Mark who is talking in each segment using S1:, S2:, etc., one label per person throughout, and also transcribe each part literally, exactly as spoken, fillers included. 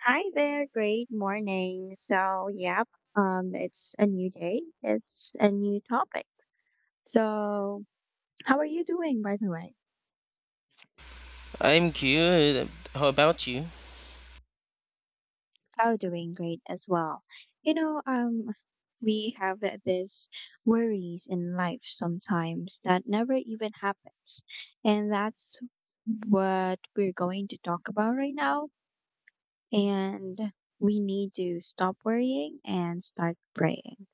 S1: Hi there, great morning. So, yep, um, it's a new day, it's a new topic. So, how are you doing, by the way?
S2: I'm good. How about you?
S1: Oh, doing great as well. You know, um, we have th- this worries in life sometimes that never even happens, and that's what we're going to talk about right now. And we need to stop worrying and start praying.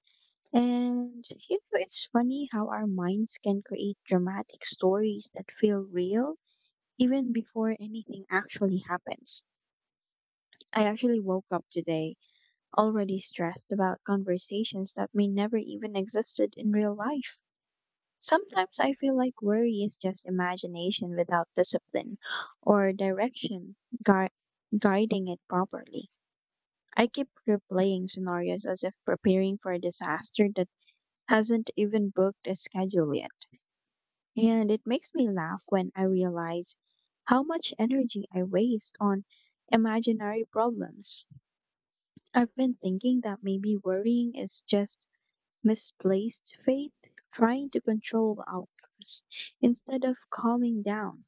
S1: And you know, it's funny how our minds can create dramatic stories that feel real even before anything actually happens. I actually woke up today already stressed about conversations that may never even existed in real life. Sometimes I feel like worry is just imagination without discipline or direction gui- guiding it properly. I keep replaying scenarios as if preparing for a disaster that hasn't even booked a schedule yet. And it makes me laugh when I realize how much energy I waste on imaginary problems. I've been thinking that maybe worrying is just misplaced faith trying to control outcomes instead of calming down.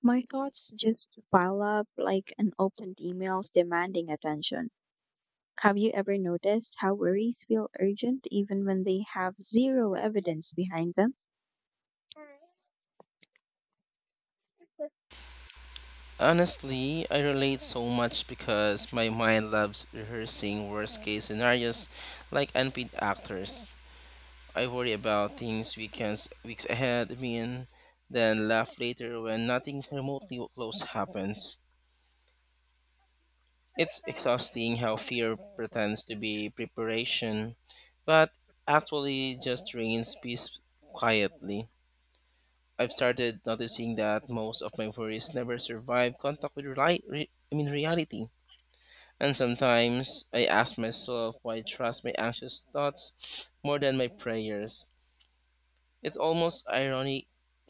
S1: My thoughts just pile up like an opened emails demanding attention. Have you ever noticed how worries feel urgent even when they have zero evidence behind them?
S2: Honestly, I relate so much because my mind loves rehearsing worst case scenarios like unpaid actors. I worry about things weekends, weeks ahead, I mean, then laugh later when nothing remotely close happens. It's exhausting how fear pretends to be preparation, but actually just drains peace quietly. I've started noticing that most of my worries never survive contact with reli- re- I mean reality. And sometimes I ask myself why I trust my anxious thoughts more than my prayers. It's almost ironic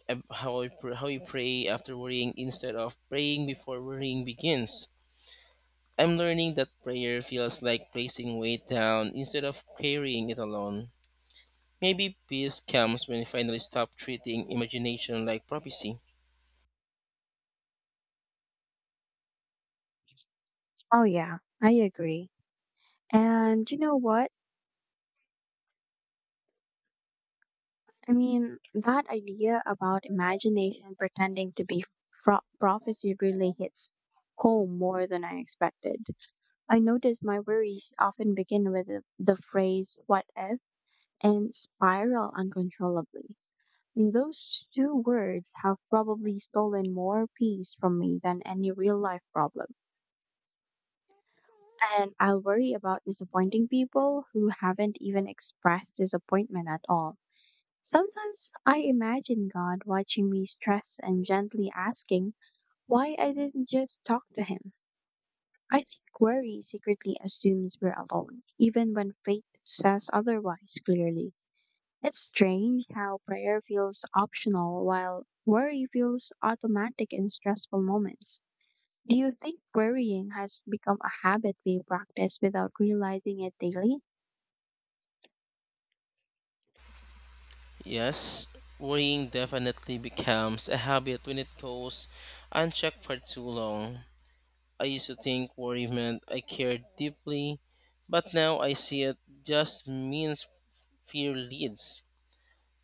S2: ab- how I pr- how you pray after worrying instead of praying before worrying begins. I'm learning that prayer feels like placing weight down instead of carrying it alone. Maybe peace comes when I finally stop treating imagination like prophecy.
S1: Oh, yeah, I agree. And you know what? I mean, that idea about imagination pretending to be fro- prophecy really hits home more than I expected. I notice my worries often begin with the, the phrase what if and spiral uncontrollably. And those two words have probably stolen more peace from me than any real life problem. And I'll worry about disappointing people who haven't even expressed disappointment at all. Sometimes I imagine God watching me stress and gently asking why I didn't just talk to him. I think worry secretly assumes we're alone, even when faith says otherwise clearly. It's strange how prayer feels optional while worry feels automatic in stressful moments. Do you think worrying has become a habit we practice without realizing it daily?
S2: Yes, worrying definitely becomes a habit when it goes unchecked for too long. I used to think worry meant I cared deeply, but now I see it just means fear leads.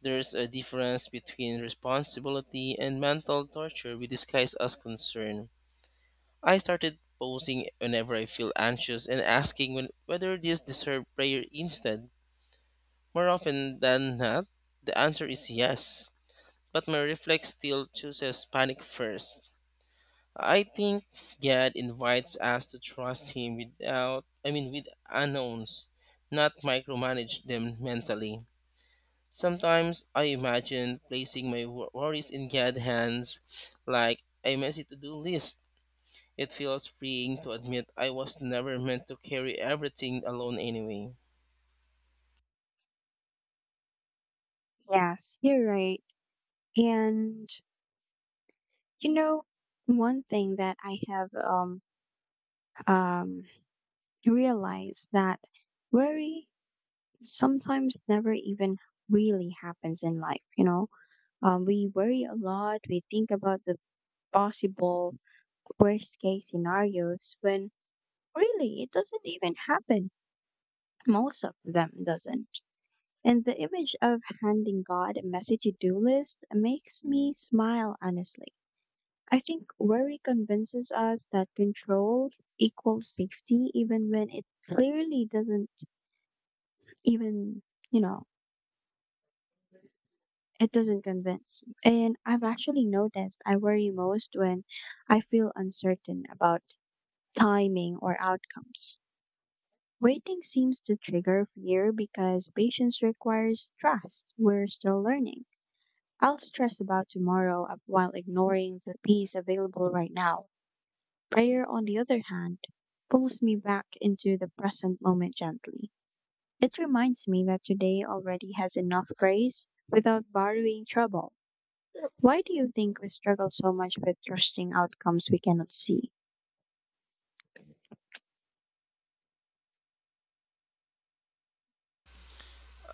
S2: There's a difference between responsibility and mental torture we disguise as concern. I started posing whenever I feel anxious and asking when, whether this deserves prayer instead. More often than not, the answer is yes, but my reflex still chooses panic first. I think God invites us to trust Him without, I mean, with unknowns, not micromanage them mentally. Sometimes I imagine placing my wor- worries in God's hands like a messy to do list. It feels freeing to admit I was never meant to carry everything alone anyway.
S1: Yes, you're right. And You know, one thing that I have um, um, realized that worry sometimes never even really happens in life. You know, um, we worry a lot. We think about the possible worst case scenarios when really it doesn't even happen. Most of them doesn't. And the image of handing God a messy to do list makes me smile honestly. I think worry convinces us that control equals safety, even when it clearly doesn't even, you know, it doesn't convince. And I've actually noticed I worry most when I feel uncertain about timing or outcomes. Waiting seems to trigger fear because patience requires trust. We're still learning. I'll stress about tomorrow while ignoring the peace available right now. Prayer, on the other hand, pulls me back into the present moment gently. It reminds me that today already has enough grace without borrowing trouble. Why do you think we struggle so much with trusting outcomes we cannot see?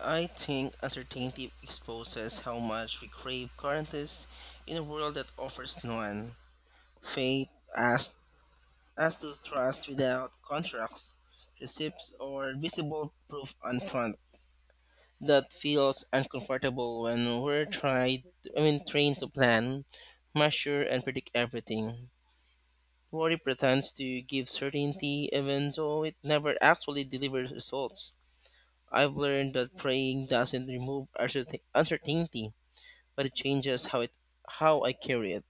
S2: I think uncertainty exposes how much we crave guarantees in a world that offers none. Faith asked us to trust without contracts, receipts, or visible proof on front. That feels uncomfortable when we're tried I mean trained to plan, measure and predict everything. Worry pretends to give certainty even though it never actually delivers results. I've learned that praying doesn't remove uncertain- uncertainty, but it changes how it how I carry it.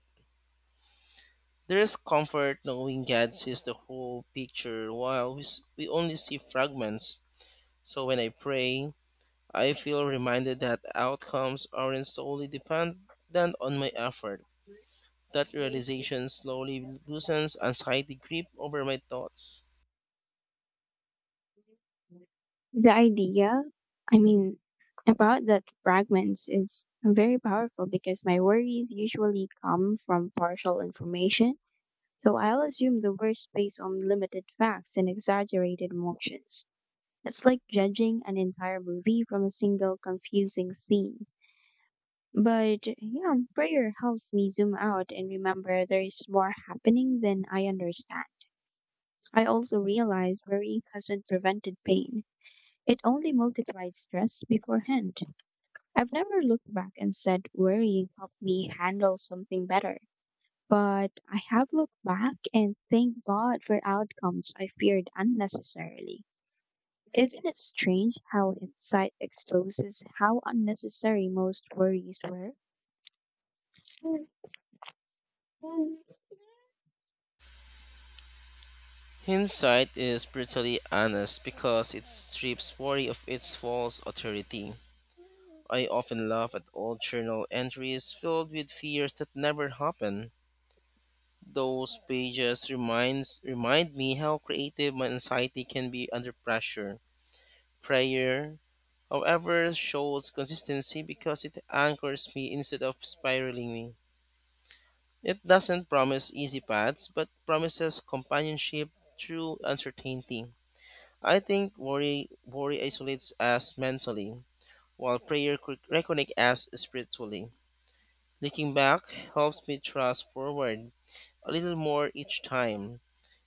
S2: There is comfort knowing God sees the whole picture while we, s- we only see fragments. So when I pray, I feel reminded that outcomes aren't solely dependent on my effort. That realization slowly loosens anxiety grip over my thoughts.
S1: The idea, I mean, about that fragments is very powerful because my worries usually come from partial information. So I'll assume the worst based on limited facts and exaggerated emotions. It's like judging an entire movie from a single confusing scene. But yeah, prayer helps me zoom out and remember there is more happening than I understand. I also realized worrying hasn't prevented pain. It only multiplied stress beforehand. I've never looked back and said worrying helped me handle something better. But I have looked back and thank God for outcomes I feared unnecessarily. Isn't it strange how insight exposes how unnecessary most worries were?
S2: Hindsight is brutally honest because it strips worry of its false authority. I often laugh at old journal entries filled with fears that never happened. Those pages reminds remind me how creative my anxiety can be under pressure. Prayer, however, shows consistency because it anchors me instead of spiraling me. It doesn't promise easy paths, but promises companionship through uncertainty. I think worry worry isolates us mentally, while prayer could reconnect us spiritually. Looking back helps me trust forward a little more each time.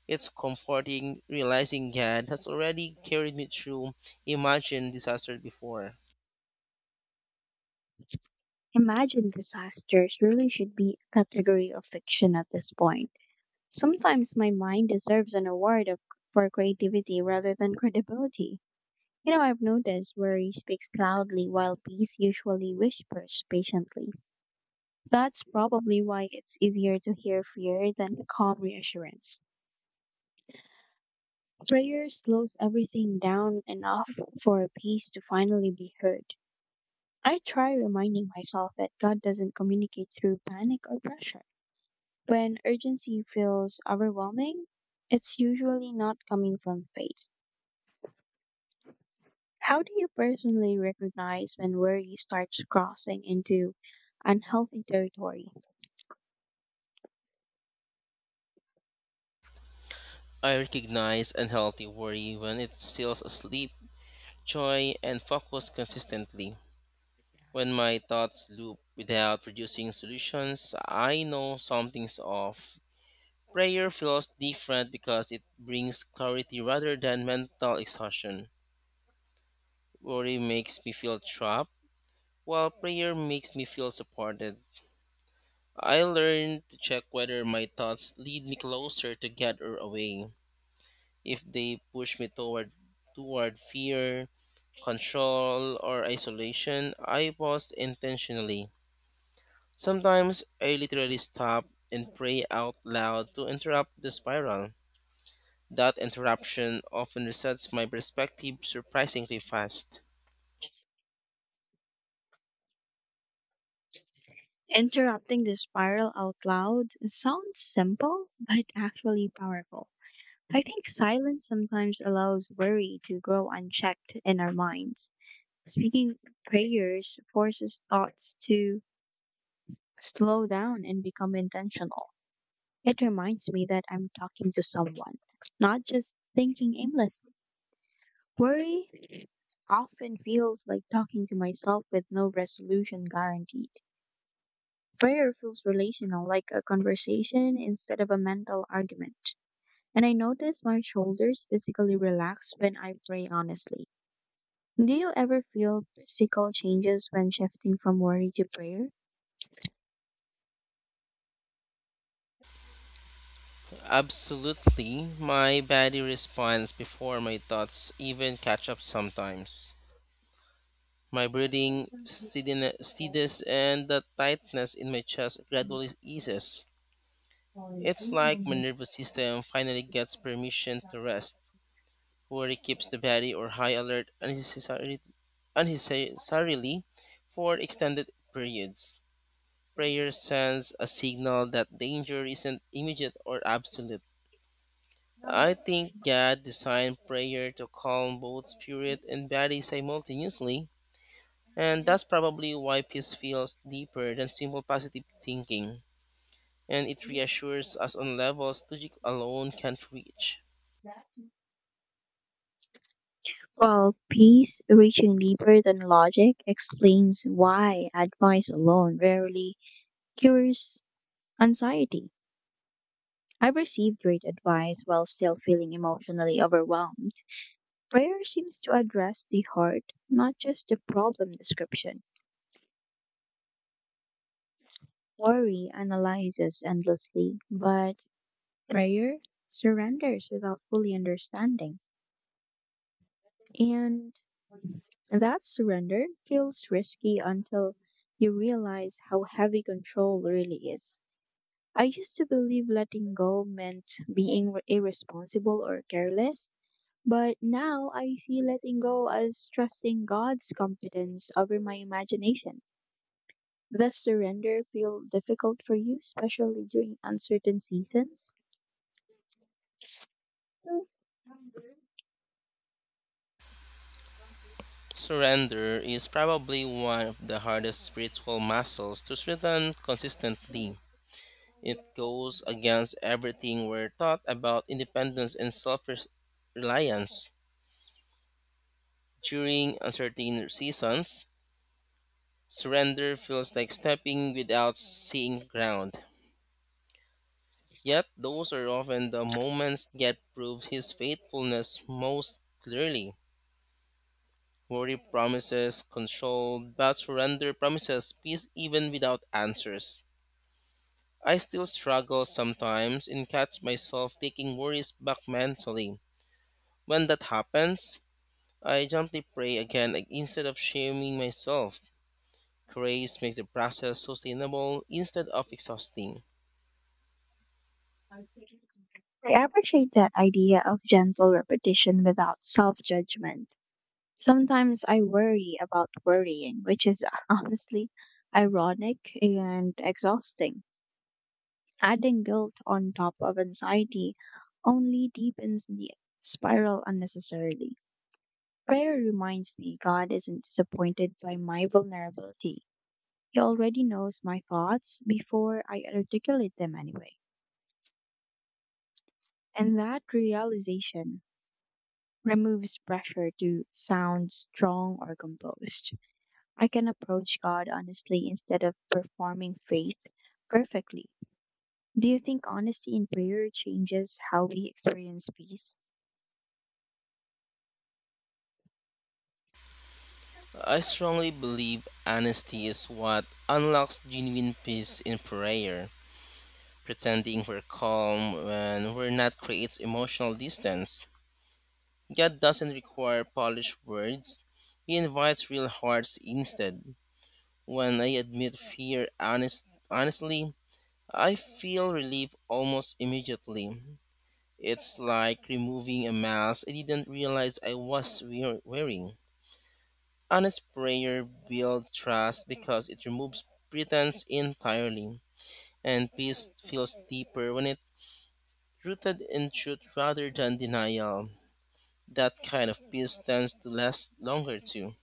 S2: It's comforting realizing God has already carried me through imagined disaster before.
S1: Imagine disasters really should be a category of fiction at this point. Sometimes my mind deserves an award of, for creativity rather than credibility. You know, I've noticed worry speaks loudly while peace usually whispers patiently. That's probably why it's easier to hear fear than calm reassurance. Prayer slows everything down enough for peace to finally be heard. I try reminding myself that God doesn't communicate through panic or pressure. When urgency feels overwhelming, it's usually not coming from faith. How do you personally recognize when worry starts crossing into unhealthy territory?
S2: I recognize unhealthy worry when it steals sleep, joy, and focus consistently. When my thoughts loop without producing solutions, I know something's off. Prayer feels different because it brings clarity rather than mental exhaustion. Worry makes me feel trapped, while prayer makes me feel supported. I learned to check whether my thoughts lead me closer to God or away. If they push me toward toward fear, control, or isolation, I pause intentionally. Sometimes I literally stop and pray out loud to interrupt the spiral. That interruption often resets my perspective surprisingly fast.
S1: Interrupting the spiral out loud sounds simple, but actually powerful. I think silence sometimes allows worry to grow unchecked in our minds. Speaking prayers forces thoughts to slow down and become intentional. It reminds me that I'm talking to someone, not just thinking aimlessly. Worry often feels like talking to myself with no resolution guaranteed. Prayer feels relational, like a conversation instead of a mental argument. And I notice my shoulders physically relax when I pray honestly. Do you ever feel physical changes when shifting from worry to prayer?
S2: Absolutely, my body responds before my thoughts even catch up sometimes. My breathing steadin- steadies and the tightness in my chest gradually eases. It's like my nervous system finally gets permission to rest. Worry keeps the body or high alert unnecessarily, unnecessarily for extended periods. Prayer sends a signal that danger isn't immediate or absolute. I think God designed prayer to calm both spirit and body simultaneously. And that's probably why peace feels deeper than simple positive thinking, and it reassures us on levels logic alone can't reach.
S1: Well, peace reaching deeper than logic explains why advice alone rarely cures anxiety. I've received great advice while still feeling emotionally overwhelmed. Prayer seems to address the heart, not just the problem description. Worry analyzes endlessly, but prayer surrenders without fully understanding. And that surrender feels risky until you realize how heavy control really is. I used to believe letting go meant being re- irresponsible or careless, but now I see letting go as trusting God's competence over my imagination. Does surrender feel difficult for you, especially during uncertain seasons?
S2: Surrender is probably one of the hardest spiritual muscles to strengthen consistently. It goes against everything we're taught about independence and self reliance. During uncertain seasons, surrender feels like stepping without seeing ground. Yet those are often the moments that prove his faithfulness most clearly. Worry promises control, but surrender promises peace even without answers. I still struggle sometimes and catch myself taking worries back mentally. When that happens, I gently pray again instead of shaming myself. Grace makes the process sustainable instead of exhausting.
S1: I appreciate that idea of gentle repetition without self judgment. Sometimes I worry about worrying, which is honestly ironic and exhausting. Adding guilt on top of anxiety only deepens the spiral unnecessarily. Prayer reminds me God isn't disappointed by my vulnerability. He already knows my thoughts before I articulate them anyway. And that realization removes pressure to sound strong or composed. I can approach God honestly instead of performing faith perfectly. Do you think honesty in prayer changes how we experience peace?
S2: I strongly believe honesty is what unlocks genuine peace in prayer. Pretending we're calm when we're not creates emotional distance. God doesn't require polished words, He invites real hearts instead. When I admit fear honest, honestly, I feel relief almost immediately. It's like removing a mask I didn't realize I was wear- wearing. Honest prayer builds trust because it removes pretense entirely, and peace feels deeper when it's rooted in truth rather than denial. That kind of peace tends to last longer too.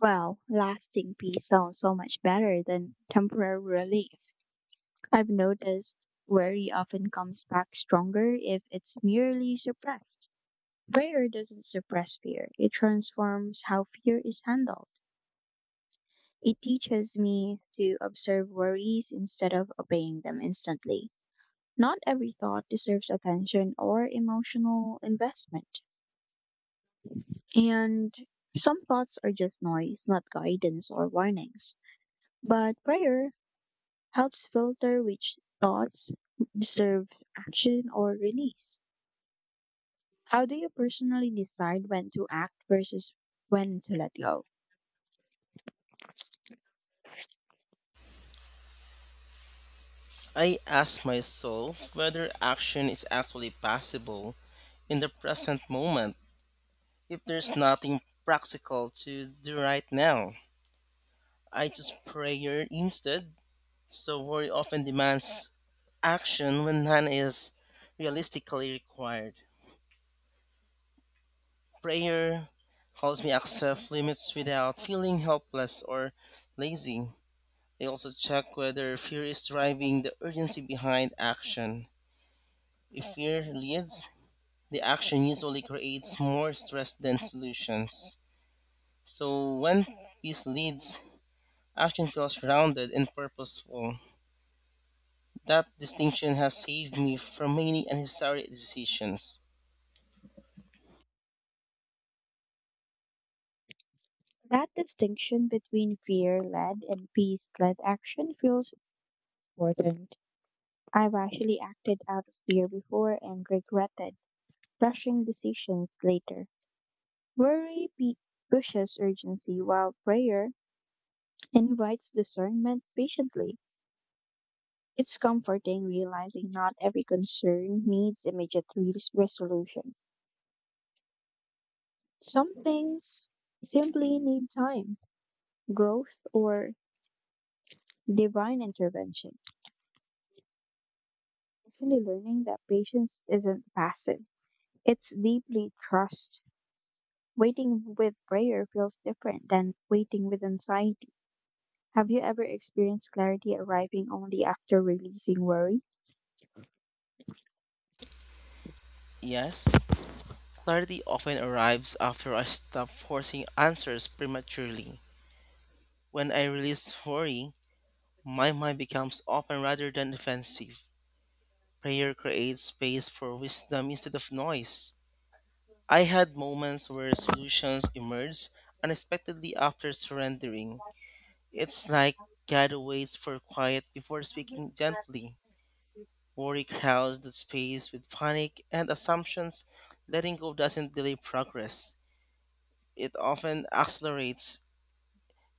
S1: Well, lasting peace sounds so much better than temporary relief. I've noticed worry often comes back stronger if it's merely suppressed. Prayer doesn't suppress fear, it transforms how fear is handled. It teaches me to observe worries instead of obeying them instantly. Not every thought deserves attention or emotional investment. And some thoughts are just noise, not guidance or warnings. But prayer helps filter which thoughts deserve action or release. How do you personally decide when to act versus when to let go?
S2: I ask myself whether action is actually possible in the present moment. If there's nothing practical to do right now, I just prayer instead, so worry often demands action when none is realistically required. Prayer helps me accept limits without feeling helpless or lazy. They also check whether fear is driving the urgency behind action. If fear leads, the action usually creates more stress than solutions. So when peace leads, action feels grounded and purposeful. That distinction has saved me from many unnecessary decisions.
S1: That distinction between fear led and peace led action feels important. I've actually acted out of fear before and regretted rushing decisions later. Worry pe- pushes urgency, while prayer invites discernment patiently. It's comforting realizing not every concern needs immediate res- resolution. Some things simply need time, growth, or divine intervention. Actually learning that patience isn't passive. It's deeply trust. Waiting with prayer feels different than waiting with anxiety. Have you ever experienced clarity arriving only after releasing worry?
S2: Yes. Clarity often arrives after I stop forcing answers prematurely. When I release worry, my mind becomes open rather than defensive. Prayer creates space for wisdom instead of noise. I had moments where solutions emerged unexpectedly after surrendering. It's like God waits for quiet before speaking gently. Worry crowds the space with panic and assumptions. Letting go doesn't delay progress, it often accelerates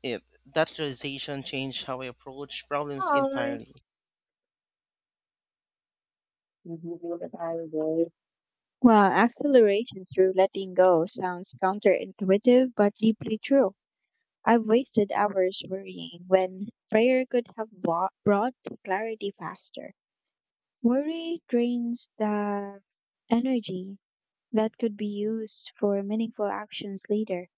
S2: it. That realization changed how I approach problems
S1: Hi.
S2: entirely.
S1: Mhm. Well, acceleration through letting go sounds counterintuitive but deeply true. I've wasted hours worrying when prayer could have bought, brought clarity faster. Worry drains the energy that could be used for meaningful actions later.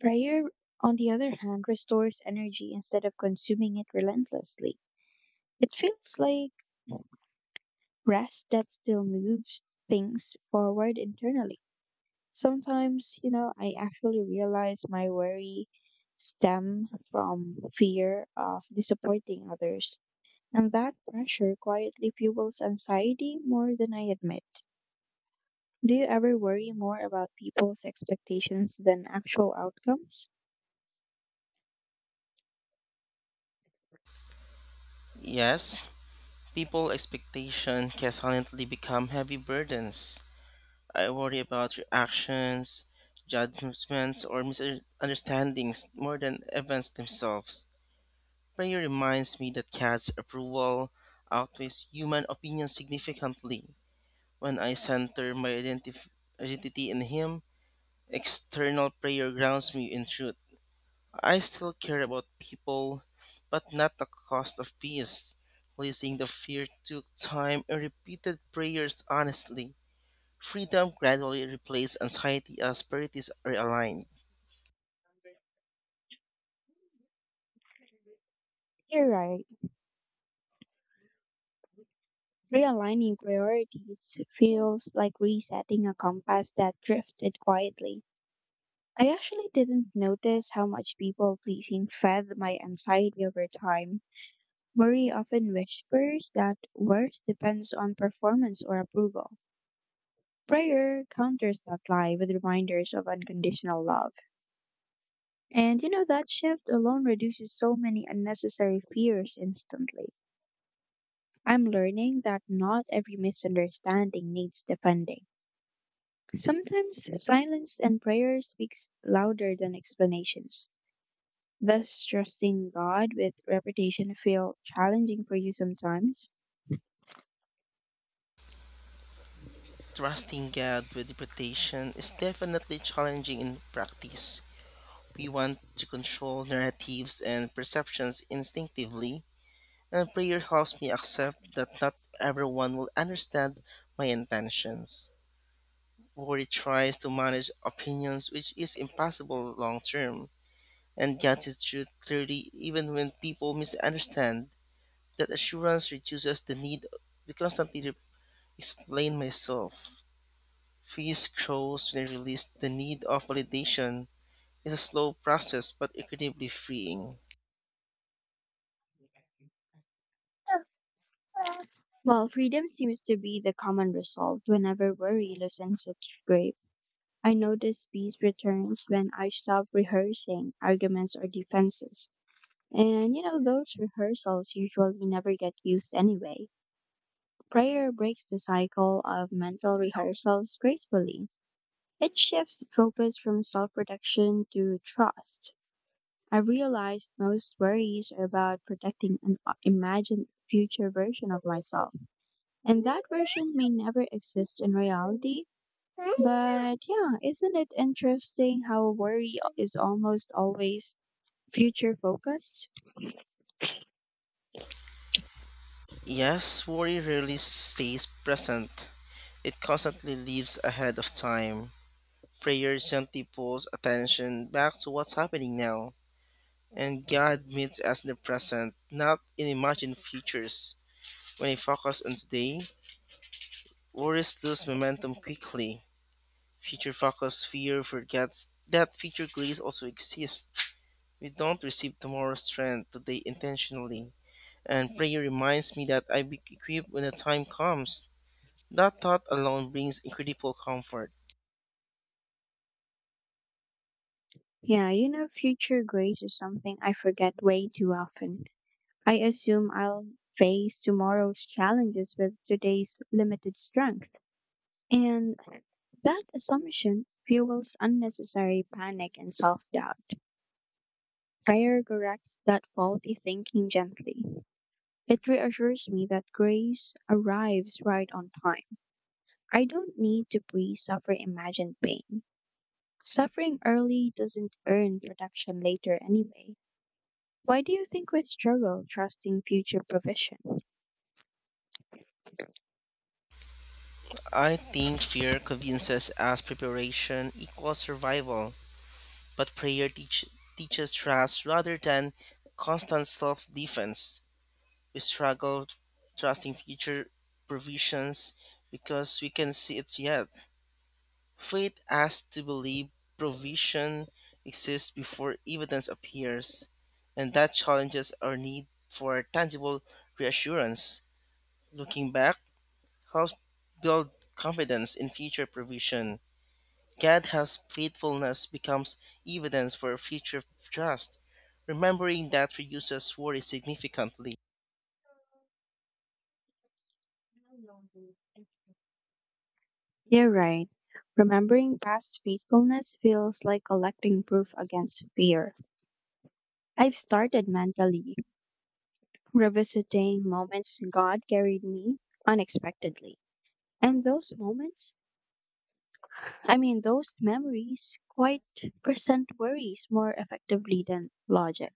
S1: Prayer, on the other hand, restores energy instead of consuming it relentlessly. It feels like rest that still moves things forward internally. Sometimes, you know, I actually realize my worry stem from fear of disappointing others, and that pressure quietly fuels anxiety more than I admit. Do you ever worry more about people's expectations than actual outcomes?
S2: Yes, people expectation can silently become heavy burdens. I worry about reactions, judgments, or misunderstandings more than events themselves. Prayer reminds me that God's approval outweighs human opinion significantly. When I center my identif- identity in Him, external prayer grounds me in truth. I still care about people, but not the cost of peace. Releasing the fear took time and repeated prayers honestly. Freedom gradually replaced anxiety as priorities are aligned.
S1: You're right. Realigning priorities feels like resetting a compass that drifted quietly. I actually didn't notice how much people pleasing fed my anxiety over time. Worry often whispers that worth depends on performance or approval. Prayer counters that lie with reminders of unconditional love. And you know, that shift alone reduces so many unnecessary fears instantly. I'm learning that not every misunderstanding needs defending. Sometimes silence and prayer speaks louder than explanations. Thus, trusting God with reputation feel challenging for you sometimes.
S2: Trusting God with reputation is definitely challenging in practice. We want to control narratives and perceptions instinctively, and prayer helps me accept that not everyone will understand my intentions. Where it tries to manage opinions, which is impossible long term, and gets its truth clearly even when people misunderstand. That assurance reduces the need to constantly re- explain myself. Fees grows when I release the need of validation. It's a slow process but incredibly freeing.
S1: Well, freedom seems to be the common result whenever worry loosens its grip. I notice peace returns when I stop rehearsing arguments or defenses. And you know, those rehearsals usually never get used anyway. Prayer breaks the cycle of mental rehearsals gracefully. It shifts focus from self protection to trust. I realized most worries are about protecting an o- imagined future version of myself. And that version may never exist in reality. But yeah, isn't it interesting how worry is almost always future focused?
S2: Yes, worry rarely stays present. It constantly lives ahead of time. Prayer gently pulls attention back to what's happening now. And God meets us in the present, not in imagined futures. When we focus on today, worries lose momentum quickly. Future focus fear forgets that future grace also exists. We don't receive tomorrow's strength today intentionally. And prayer reminds me that I be equipped when the time comes. That thought alone brings incredible comfort.
S1: Yeah, you know, future grace is something I forget way too often. I assume I'll face tomorrow's challenges with today's limited strength. And that assumption fuels unnecessary panic and self doubt. Prayer corrects that faulty thinking gently. It reassures me that grace arrives right on time. I don't need to pre suffer imagined pain. Suffering early doesn't earn protection later anyway. Why do you think we struggle trusting future provision?
S2: I think fear convinces us preparation equals survival, but prayer teach, teaches trust rather than constant self defense. We struggle trusting future provisions because we can see it yet. Faith asks to believe provision exists before evidence appears, and that challenges our need for tangible reassurance. Looking back helps build confidence in future provision. Gad's faithfulness becomes evidence for future trust. Remembering that reduces worry significantly.
S1: You're right. Remembering past faithfulness feels like collecting proof against fear. I've started mentally revisiting moments God carried me unexpectedly. And those moments, I mean, those memories quite present worries more effectively than logic.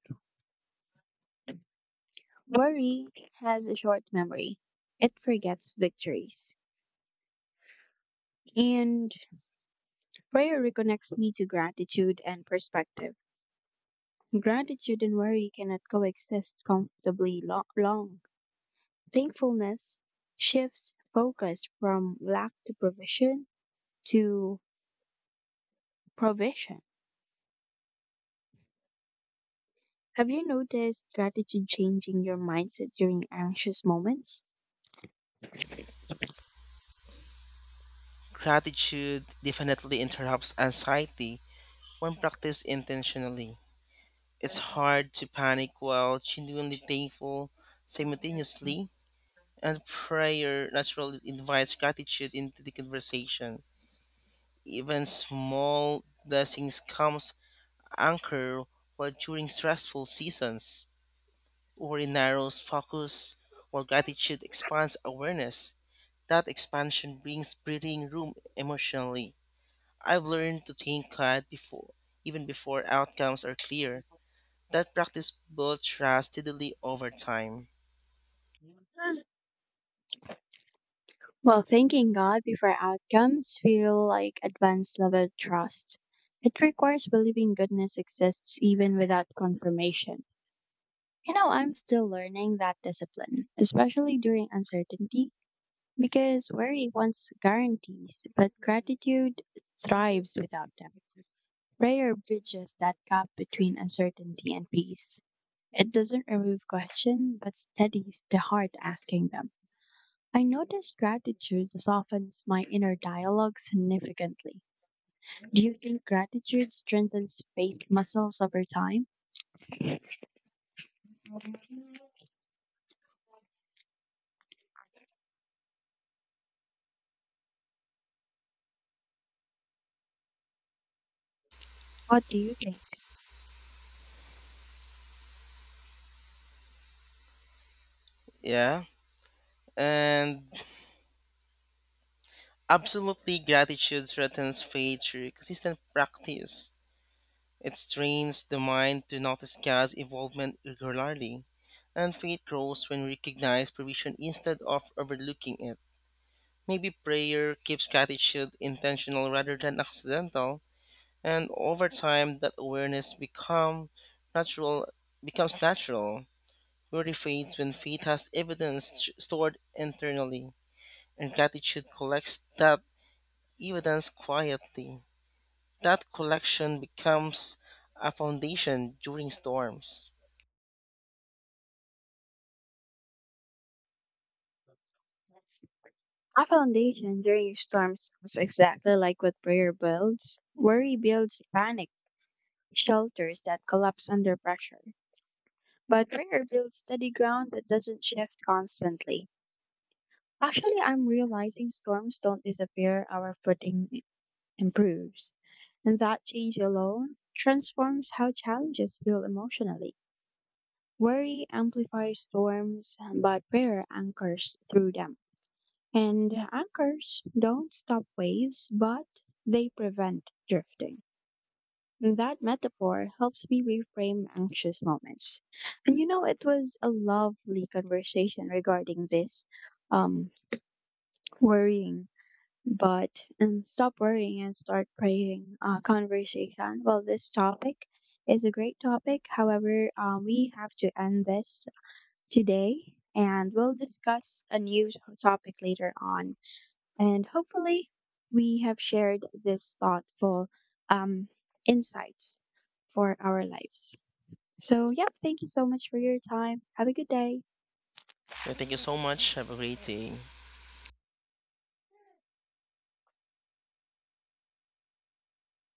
S1: Worry has a short memory, it forgets victories. And prayer reconnects me to gratitude and perspective. Gratitude and worry cannot coexist comfortably lo- long. Thankfulness shifts focus from lack to provision to provision. Have you noticed gratitude changing your mindset during anxious moments?
S2: Gratitude definitely interrupts anxiety when practiced intentionally. It's hard to panic while genuinely thankful simultaneously, and prayer naturally invites gratitude into the conversation. Even small blessings comes anchor while during stressful seasons. Or it narrows focus, while gratitude expands awareness. That expansion brings breathing room emotionally. I've learned to thank God before, even before outcomes are clear. That practice builds trust steadily over time.
S1: Well, thanking God before outcomes feel like advanced level trust. It requires believing goodness exists even without confirmation. You know, I'm still learning that discipline, especially during uncertainty, because worry wants guarantees, but gratitude thrives without them. Prayer bridges that gap between uncertainty and peace. It doesn't remove question, but steadies the heart asking them. I notice gratitude softens my inner dialogue significantly. Do you think gratitude strengthens faith muscles over time? What do you think?
S2: Yeah, and absolutely gratitude strengthens faith through consistent practice. It trains the mind to notice God's involvement regularly, and faith grows when we recognize provision instead of overlooking it. Maybe prayer keeps gratitude intentional rather than accidental, and over time that awareness become natural becomes natural. Worry fades when faith has evidence st- stored internally, and gratitude collects that evidence quietly. That collection becomes a foundation during storms.
S1: A foundation during storms is exactly like what prayer builds. Worry builds panic, shelters that collapse under pressure. But prayer builds steady ground that doesn't shift constantly. Actually, I'm realizing storms don't disappear, our footing improves. And that change alone transforms how challenges feel emotionally. Worry amplifies storms, but prayer anchors through them. And anchors don't stop waves, but they prevent drifting. And that metaphor helps me reframe anxious moments. And you know, it was a lovely conversation regarding this um, worrying, but and stop worrying and start praying uh, conversation. Well, this topic is a great topic. However, uh, we have to end this today and we'll discuss a new topic later on. And hopefully, we have shared this thoughtful um, insights for our lives. So, yeah, thank you so much for your time. Have a good day.
S2: Yeah, thank you so much. Have a great day.